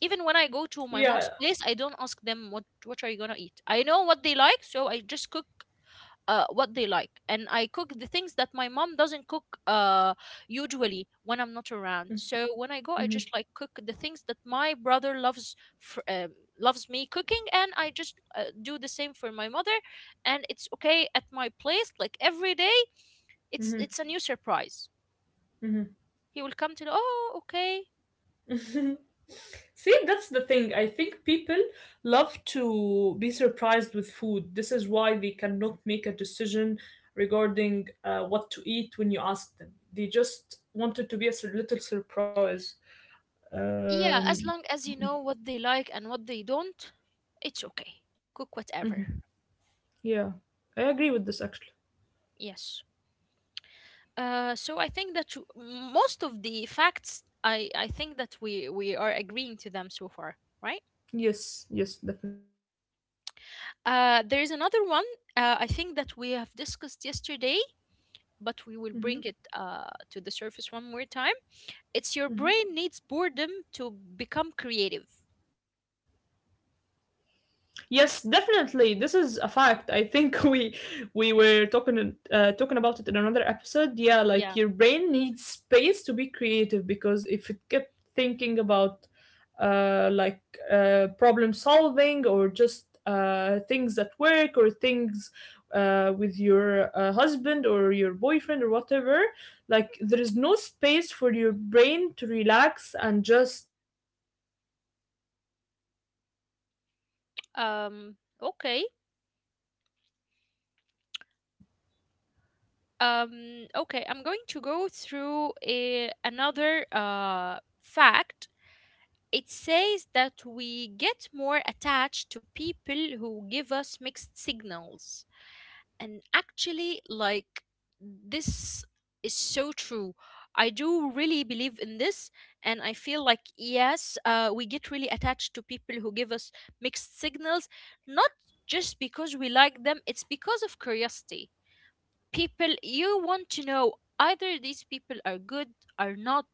[SPEAKER 1] Even when I go to my mom's
[SPEAKER 2] Yeah.
[SPEAKER 1] place, I don't ask them what what are you gonna eat. I know what they like, so I just cook uh what they like, and I cook the things that my mom doesn't cook uh usually when I'm not around. So when I go, I just
[SPEAKER 2] Mhm,
[SPEAKER 1] like cook the things that my brother loves fr um, loves me cooking, and I just uh, do the same for my mother, and it's okay at my place. Like every day it's it's a
[SPEAKER 2] mhm.
[SPEAKER 1] new surprise. He will come to know, oh, okay.
[SPEAKER 2] See, that's the thing. I think people love to be surprised with food. This is why they cannot make a decision regarding uh, what to eat when you ask them. They just wanted to be a sur- little surprise.
[SPEAKER 1] Yeah,
[SPEAKER 2] Um,
[SPEAKER 1] as long as you know what they like and what they don't, it's okay. Cook
[SPEAKER 2] mhm,
[SPEAKER 1] whatever.
[SPEAKER 2] Yeah, I agree with this actually.
[SPEAKER 1] Yes. Uh, so I think that you- most of the facts, I, I think that we, we are agreeing to them so far, right?
[SPEAKER 2] Yes, yes, definitely.
[SPEAKER 1] Uh, there is another one. Uh, I think that we have discussed yesterday, but we
[SPEAKER 2] hmm
[SPEAKER 1] will bring it uh, to the surface one more time. It's your brain needs boredom to become creative.
[SPEAKER 2] Yes, definitely. This is a fact. I think we we were talking uh, talking about it in another episode. Yeah, like your
[SPEAKER 1] Yeah.
[SPEAKER 2] brain needs space to be creative because if it kept thinking about uh, like uh, problem solving or just uh, things at work or things uh, with your uh, husband or your boyfriend or whatever, like there is no space for your brain to relax and just do its thing, which is being creative,
[SPEAKER 1] Um.
[SPEAKER 2] you know?
[SPEAKER 1] Okay.
[SPEAKER 2] hmm
[SPEAKER 1] Um okay, I'm going to go through a, another uh fact. It says that we get more attached to people who give us mixed signals. And actually, like,
[SPEAKER 2] hmm
[SPEAKER 1] this is so true. I do really believe in this, and I feel like yes, uh, we get really attached to people who give us mixed signals. Not just because we like them, it's because of curiosity. People you want to know either these people are good or not,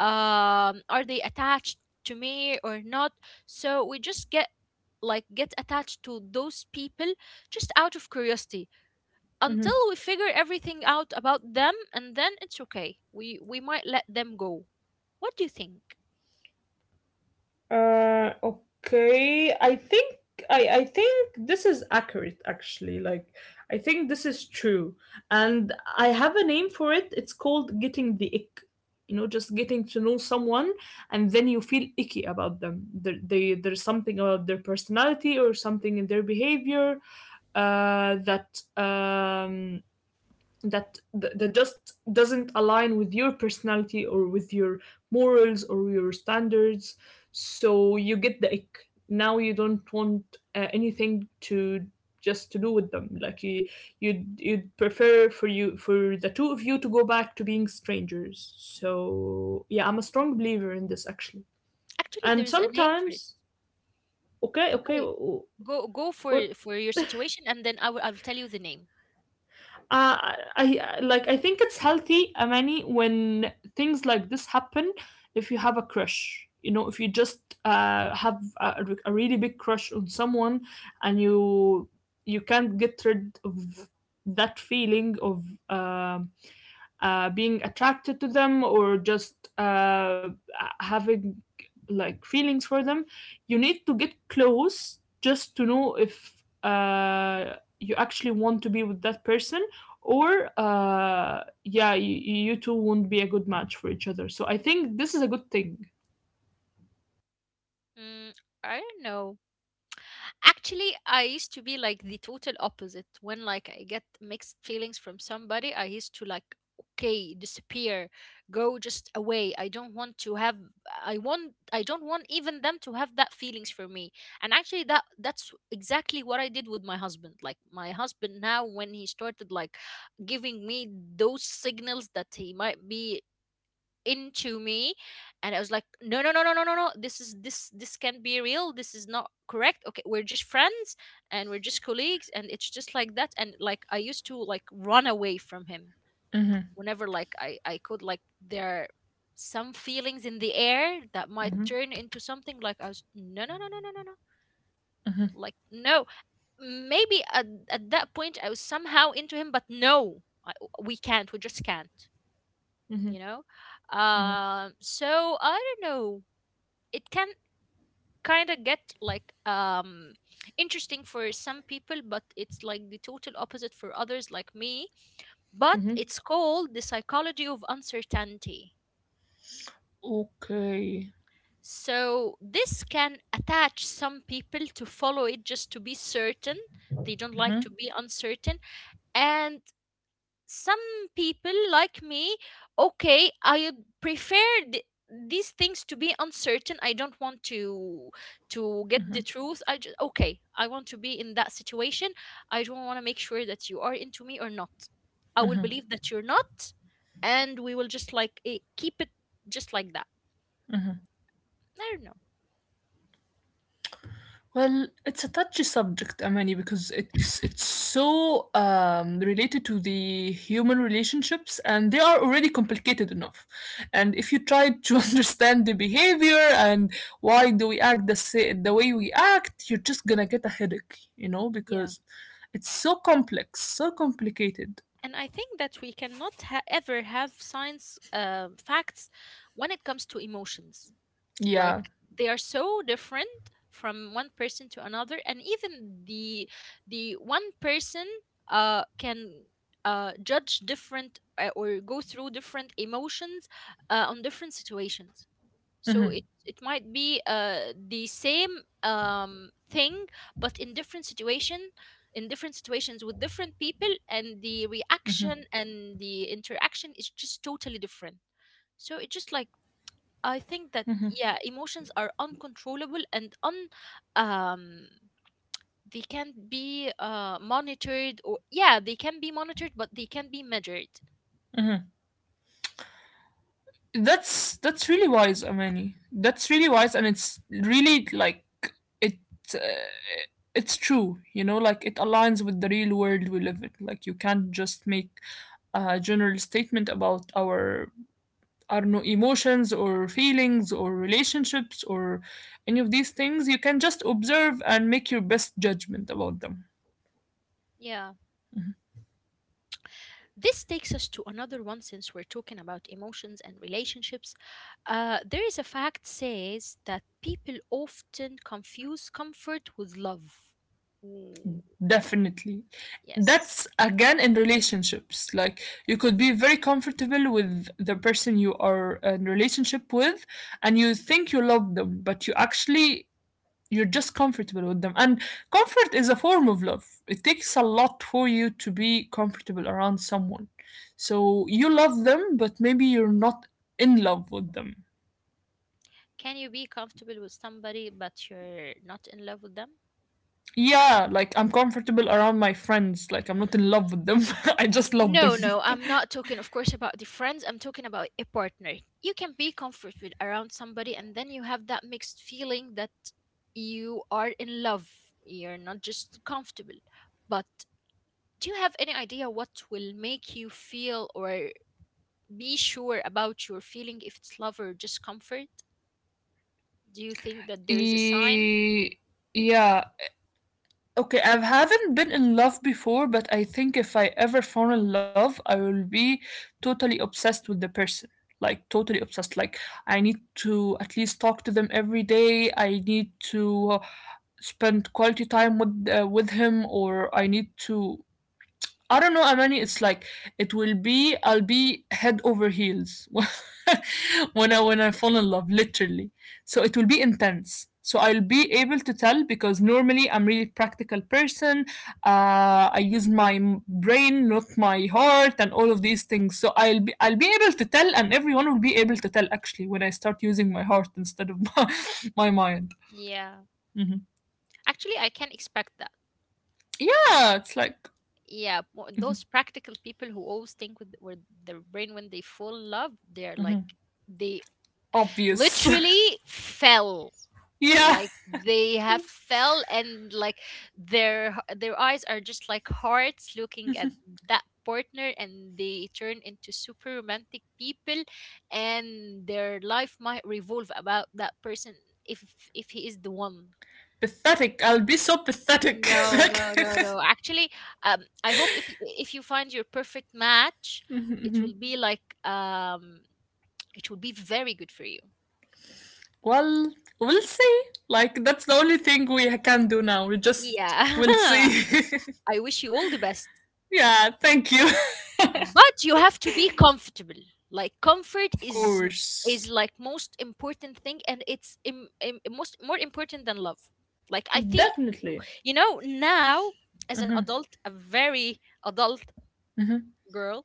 [SPEAKER 1] um are they attached to me or not. So we just get like get attached to those people just out of curiosity until we
[SPEAKER 2] hmm
[SPEAKER 1] figure everything out about them, and then it's okay, we we might let them go. What do you think?
[SPEAKER 2] Uh, okay. I think I, I think this is accurate actually. Like I think this is true. And I have a name for it. It's called getting the ick. You know, just getting to know someone and then you feel icky about them. There, they, there's something about their personality or something in their behavior uh, that um, that th- that just doesn't align with your personality or with your morals or your standards, so you get the ick. Now you don't want uh, anything to just to do with them. Like you you'd, you'd prefer for you for the two of you to go back to being strangers. So yeah, I'm a strong believer in this actually.
[SPEAKER 1] Actually, there
[SPEAKER 2] And
[SPEAKER 1] is a name for it.
[SPEAKER 2] sometimes okay, okay,
[SPEAKER 1] Okay, go go for
[SPEAKER 2] what,
[SPEAKER 1] for your situation, and then i will i'll tell you the name.
[SPEAKER 2] uh, I like, I think it's healthy, Amani, when things like this happen. If you have a crush, you know, if you just uh, have a, a really big crush on someone, and you you can't get rid of that feeling of um uh, being attracted to them or just uh, having like feelings for them. You need to get close just to know if uh, you actually want to be with that person, or uh, yeah, you, you two won't be a good match for each other. So I think this is a good thing.
[SPEAKER 1] mm, I don't know. Actually, I used to be like the total opposite. When like I get mixed feelings from somebody, I used to like okay, disappear, go just away. I don't want to have I want I don't want even them to have that feelings for me. And actually that that's exactly what I did with my husband. Like my husband now, when he started like giving me those signals that he might be into me, and I was like no no no no no no no, this is this this can't be real. This is not correct. Okay, we're just friends, and we're just colleagues, and it's just like that. And like I used to like run away from him
[SPEAKER 2] Mm-hmm.
[SPEAKER 1] whenever like i i could, like there are some feelings in the air that might
[SPEAKER 2] Mm-hmm.
[SPEAKER 1] turn into something, like I was no no no no no no no. Like, no. Maybe at, at that point I was somehow into him, but no, I, we can't we just can't,
[SPEAKER 2] Mhm,
[SPEAKER 1] you know.
[SPEAKER 2] mhm,
[SPEAKER 1] Um so I don't know. It can kind of get like um interesting for some people, but it's like the total opposite for others like me. But
[SPEAKER 2] mhm.
[SPEAKER 1] it's called the psychology of uncertainty.
[SPEAKER 2] Okay.
[SPEAKER 1] So this can attach some people to follow it just to be certain. They don't
[SPEAKER 2] Mm-hmm.
[SPEAKER 1] like to be uncertain. And some people like me, okay, I prefer th- these things to be uncertain. I don't want to to get the truth. I just okay, I want to be in that situation. I don't want to make sure that you are into me or not. I will
[SPEAKER 2] Mm-hmm.
[SPEAKER 1] believe that you're not, and we will just like eh, keep it just like that. I don't know.
[SPEAKER 2] Well, it's a touchy subject, Amani, because it's it's so um, related to the human relationships, and they are already complicated enough. And if you try to understand the behavior and why do we act the sa- the way we act, you're just gonna get a headache, you know,
[SPEAKER 1] Yeah,
[SPEAKER 2] because it's so complex, so complicated.
[SPEAKER 1] and I think that we cannot ha- ever have science um facts when it comes to emotions.
[SPEAKER 2] Yeah.
[SPEAKER 1] Like they are so different from one person to another. And even the the one person uh can uh judge different uh, or go through different emotions uh, on different situations. So
[SPEAKER 2] Mm-hmm.
[SPEAKER 1] it it might be uh the same um thing, but in different situation in different situations with different people, and the reaction and the interaction is just totally different. So it's just like, I think that yeah, emotions are uncontrollable and un um they can't be uh monitored. Or yeah, they can be monitored, but they can be measured.
[SPEAKER 2] Mm-hmm. That's that's really wise, Amani. That's really wise, and it's really like it. uh, it's true, you know, like it aligns with the real world we live in. Like you can't just make a general statement about our, I don't know, emotions or feelings or relationships or any of these things. You can just observe and make your best judgment about them.
[SPEAKER 1] Yeah. This takes us to another one, since we're talking about emotions and relationships. Uh there is a fact, says that people often confuse comfort with love. Ooh,
[SPEAKER 2] Definitely.
[SPEAKER 1] yes.
[SPEAKER 2] That's again in relationships. Like you
[SPEAKER 1] Yes.
[SPEAKER 2] could be very comfortable with the person you are in relationship with, and you think you love them, but you actually, you're just comfortable with them, and comfort is a form of love. It takes a lot for you to be comfortable around someone, so you love them, but maybe you're not in love with them.
[SPEAKER 1] Can you be comfortable with somebody but you're not in love with them?
[SPEAKER 2] Yeah, like I'm comfortable around my friends. Like I'm not in love with them. I just love them.
[SPEAKER 1] No, no, I'm not talking, of course, about the friends. I'm talking about a partner. You can be comfortable around somebody, and then you have that mixed feeling that you are in love. You're not just comfortable. But do you have any idea what will make you feel or be sure about your feeling if it's love or just comfort? Do you think that there is a sign?
[SPEAKER 2] Yeah. Okay, I haven't been in love before, but I think if I ever fall in love, I will be totally obsessed with the person. Like, totally obsessed. Like, I need to at least talk to them every day. I need to uh, spend quality time with uh, with him, or I need to, I don't know, Amani. It's like it will be. I'll be head over heels when I when I fall in love, literally. So it will be intense. So I'll be able to tell because normally I'm really practical person. Uh, I use my m- brain, not my heart, and all of these things. So I'll be I'll be able to tell, and everyone will be able to tell actually when I start using my heart instead of my, my mind.
[SPEAKER 1] Yeah.
[SPEAKER 2] Mhm.
[SPEAKER 1] Actually, I can expect that. Like,
[SPEAKER 2] Yeah, it's like
[SPEAKER 1] yeah, mo- those practical people who always think with, with their brain when they fall in love, they're
[SPEAKER 2] mhm,
[SPEAKER 1] like they
[SPEAKER 2] obvious.
[SPEAKER 1] literally fell,
[SPEAKER 2] Yeah.
[SPEAKER 1] like they have fell, and like their h- their eyes are just like hearts looking at that partner, and they turn into super romantic people, and their life might revolve about that person if if he is the one.
[SPEAKER 2] Pathetic. I'll be so pathetic.
[SPEAKER 1] No,
[SPEAKER 2] Like,
[SPEAKER 1] no, no, no. Actually, um, I hope if if you find your perfect match, it will be like um, it will be very good for you.
[SPEAKER 2] well, we'll see. Like, that's the only thing we can do now. We just
[SPEAKER 1] Yeah,
[SPEAKER 2] will see.
[SPEAKER 1] I wish you all the best.
[SPEAKER 2] Yeah, thank you.
[SPEAKER 1] But you have to be comfortable. Like
[SPEAKER 2] Of
[SPEAKER 1] comfort is
[SPEAKER 2] course.
[SPEAKER 1] is like most important thing, and it's im, im, most more important than love. Like I think,
[SPEAKER 2] Definitely.
[SPEAKER 1] you know, now as an adult, a very adult
[SPEAKER 2] Mm-hmm.
[SPEAKER 1] girl,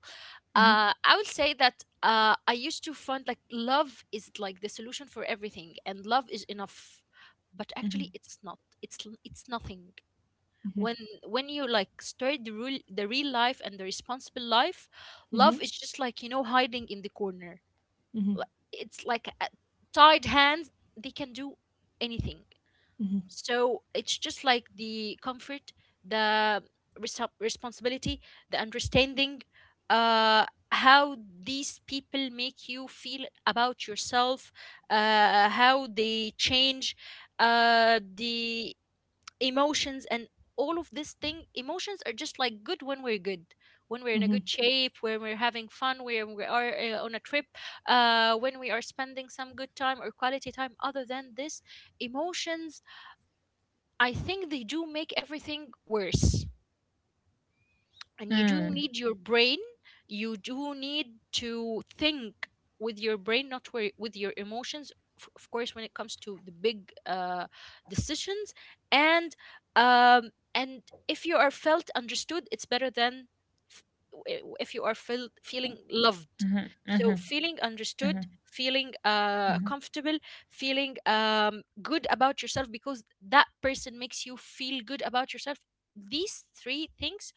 [SPEAKER 1] uh, I would say that uh, I used to find like love is like the solution for everything, and love is enough, but actually it's not. It's l- it's nothing. When when you like start the real the real life and the responsible life, love is just like you know hiding in the corner. Like, it's like a tied hands. They can do anything. So it's just like the comfort, the reso- responsibility, the understanding, uh, how these people make you feel about yourself, uh, how they change uh, the emotions and all of this thing. Emotions are just like good when we're good. When we're in a
[SPEAKER 2] Mm-hmm.
[SPEAKER 1] good shape, when we're having fun, when we are uh, on a trip, uh, when we are spending some good time or quality time, other than this, emotions I think they do make everything worse, and you do
[SPEAKER 2] Mm.
[SPEAKER 1] need your brain, you do need to think with your brain, not wi- with your emotions, f- of course when it comes to the big uh, decisions, and um, and if you are felt understood, it's better than f- w- if you are felt feeling loved. So feeling understood, feeling uh, comfortable, feeling um, good about yourself because that person makes you feel good about yourself, these three things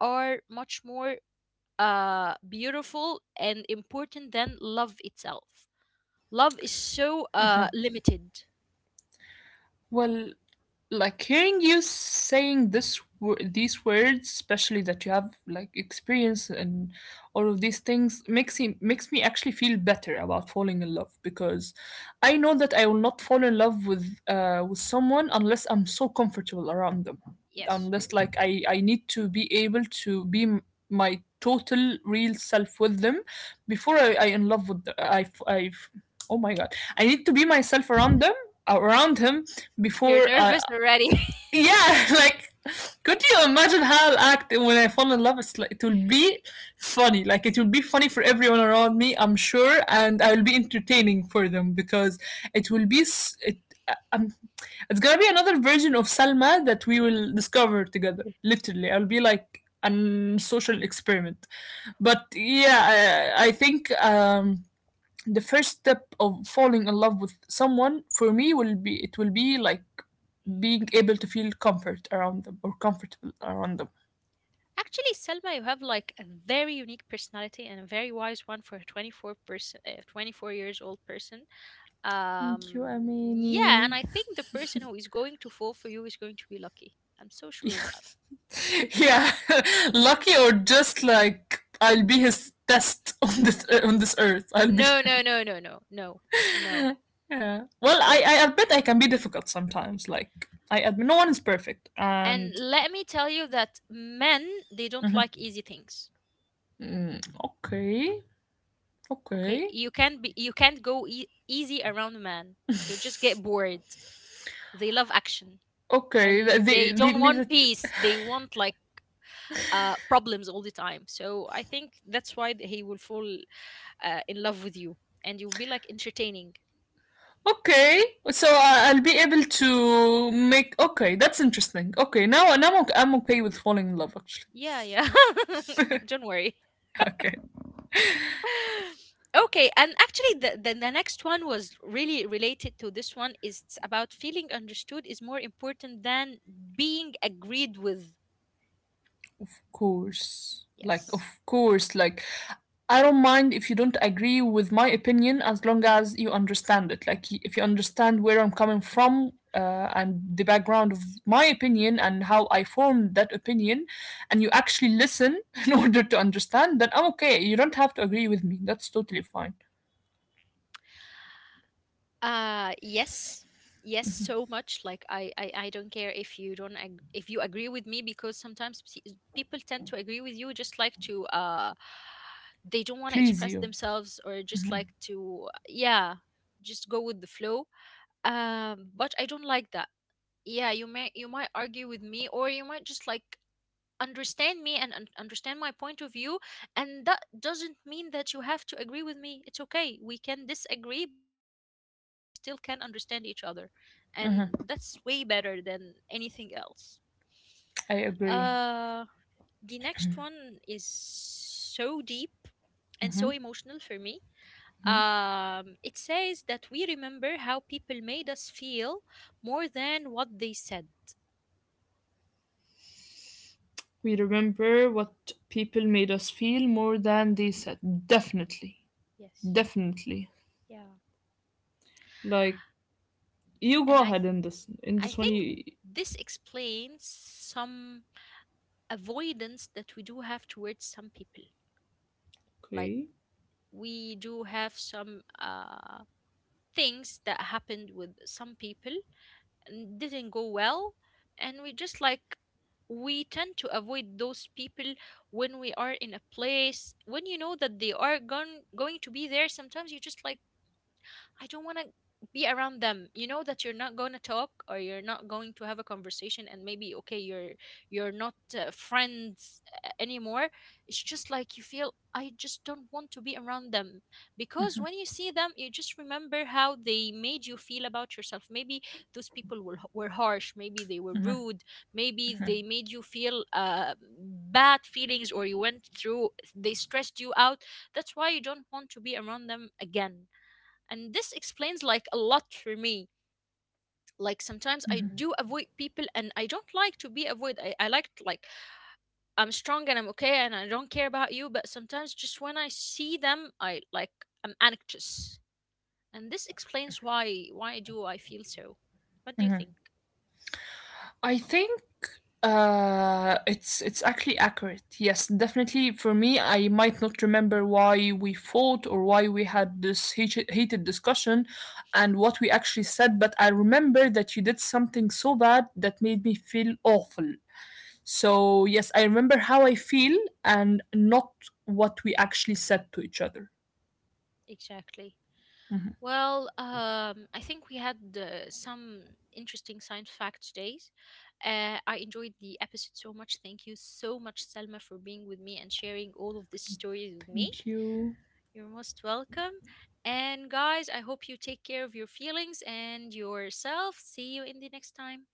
[SPEAKER 1] are much more uh, beautiful and important than love itself. Love is so uh,
[SPEAKER 2] Uh-huh.
[SPEAKER 1] limited.
[SPEAKER 2] Well, like hearing you saying this wo- these words, especially that you have like experience and all of these things, makes me makes me actually feel better about falling in love, because I know that I will not fall in love with uh with someone unless I'm so comfortable around them,
[SPEAKER 1] Yes.
[SPEAKER 2] unless like i i need to be able to be m- my total real self with them before i i in love with the, i f- i f- oh my god, I need to be myself around them, around him,
[SPEAKER 1] You're
[SPEAKER 2] before I,
[SPEAKER 1] nervous already.
[SPEAKER 2] yeah, like could you imagine how I'll act when I fall in love? It's like, it will be funny. Like it will be funny for everyone around me, I'm sure, and I will be entertaining for them because it will be s- it. uh, Um, it's gonna be another version of Salma that we will discover together. Literally, I'll be like an social experiment. But yeah, I, I think um, the first step of falling in love with someone for me will be, it will be like being able to feel comfort around them or comfortable around them.
[SPEAKER 1] Actually, Selma, you have like a very unique personality and a very wise one for a twenty-four person, uh, twenty-four years old person.
[SPEAKER 2] Thank you,
[SPEAKER 1] Um, yeah, and
[SPEAKER 2] Amani.
[SPEAKER 1] I think the person who is going to fall for you is going to be lucky. I'm so sure of that.
[SPEAKER 2] Yeah, lucky, or just like I'll be his test on this uh, on this earth. I'll be
[SPEAKER 1] No, no,
[SPEAKER 2] like,
[SPEAKER 1] no, no, no, no, no,
[SPEAKER 2] yeah. Well,
[SPEAKER 1] no.
[SPEAKER 2] I I admit I can be difficult sometimes. Like I admit no one is perfect,
[SPEAKER 1] And
[SPEAKER 2] and
[SPEAKER 1] let me tell you that men, they don't like easy things.
[SPEAKER 2] mm, okay,
[SPEAKER 1] Okay,
[SPEAKER 2] okay,
[SPEAKER 1] you can't be you can't go e- easy around a man. He'll just get bored. They love action
[SPEAKER 2] okay.
[SPEAKER 1] and they
[SPEAKER 2] The the,
[SPEAKER 1] don't want
[SPEAKER 2] the,
[SPEAKER 1] peace. They want like uh problems all the time. So I think that's why th- he will fall uh, in love with you, and you'll be like entertaining.
[SPEAKER 2] okay, so I- I'll be able to make. Okay, that's interesting. Okay, now now I'm, I'm okay with falling in love actually.
[SPEAKER 1] Yeah, yeah. Don't worry.
[SPEAKER 2] Okay,
[SPEAKER 1] Okay, and actually the, the the next one was really related to this one is about feeling understood is more important than being agreed with.
[SPEAKER 2] of course, like
[SPEAKER 1] Yes.
[SPEAKER 2] of course, like I don't mind if you don't agree with my opinion as long as you understand it. Like y- if you understand where I'm coming from uh, and the background of my opinion and how I formed that opinion, and you actually listen in order to understand, then I'm okay. You don't have to agree with me. That's totally fine.
[SPEAKER 1] Uh yes. Yes, so much. Like I, I, I don't care if you don't ag- if you agree with me because sometimes p- people tend to agree with you just like to uh they don't want to
[SPEAKER 2] Please you.
[SPEAKER 1] express themselves or just like to yeah, just go with the flow. Um but I don't like that. Yeah, you may, you might argue with me, or you might just like understand me and un- understand my point of view. And that doesn't mean that you have to agree with me. It's okay, we can disagree but we still can understand each other, and that's way
[SPEAKER 2] Mm-hmm.
[SPEAKER 1] better than anything else.
[SPEAKER 2] I
[SPEAKER 1] uh
[SPEAKER 2] agree.
[SPEAKER 1] the next one is so deep and so emotional for me. Um it says that we remember how people made us feel more than what they said.
[SPEAKER 2] We remember what people made us feel more than they said. Definitely.
[SPEAKER 1] Yes.
[SPEAKER 2] Definitely.
[SPEAKER 1] Yeah.
[SPEAKER 2] Like you
[SPEAKER 1] And
[SPEAKER 2] go
[SPEAKER 1] I
[SPEAKER 2] ahead in this, in
[SPEAKER 1] I
[SPEAKER 2] this one
[SPEAKER 1] think
[SPEAKER 2] you.
[SPEAKER 1] this explains some avoidance that we do have towards some people. Like
[SPEAKER 2] Okay.
[SPEAKER 1] we do have some uh things that happened with some people and didn't go well, and we just like, we tend to avoid those people. When we are in a place when you know that they are going going to be there, sometimes you just like, I don't want to be around them. You know that you're not going to talk or you're not going to have a conversation and maybe okay, you're you're not uh, friends uh, anymore. It's just like you feel I just don't want to be around them, because when you see them, you just remember how they made you feel about yourself. Maybe those people were were harsh, maybe they were rude, maybe they made you feel uh, bad feelings, or you went through, they stressed you out. That's why you don't want to be around them again, and this explains like a lot for me. Like sometimes I
[SPEAKER 2] Mm-hmm.
[SPEAKER 1] do avoid people and I don't like to be avoided. i, I like to, like I'm strong and I'm okay and I don't care about you, but sometimes just when I see them I like I'm anxious, and this explains why why do I feel so. What do you
[SPEAKER 2] Mm-hmm.
[SPEAKER 1] think?
[SPEAKER 2] I think uh it's it's actually accurate. Yes, definitely, for me I might not remember why we fought or why we had this hate- heated discussion and what we actually said, but I remember that you did something so bad that made me feel awful. So yes, I remember how I feel and not what we actually said to each other.
[SPEAKER 1] Exactly. Well um I think we had uh, some interesting science fact days. uh, I enjoyed the episode so much. Thank you so much, Selma, for being with me and sharing all of these stories with me.
[SPEAKER 2] Thank you.
[SPEAKER 1] You're most welcome. And guys, I hope you take care of your feelings and yourself. See you in the next time.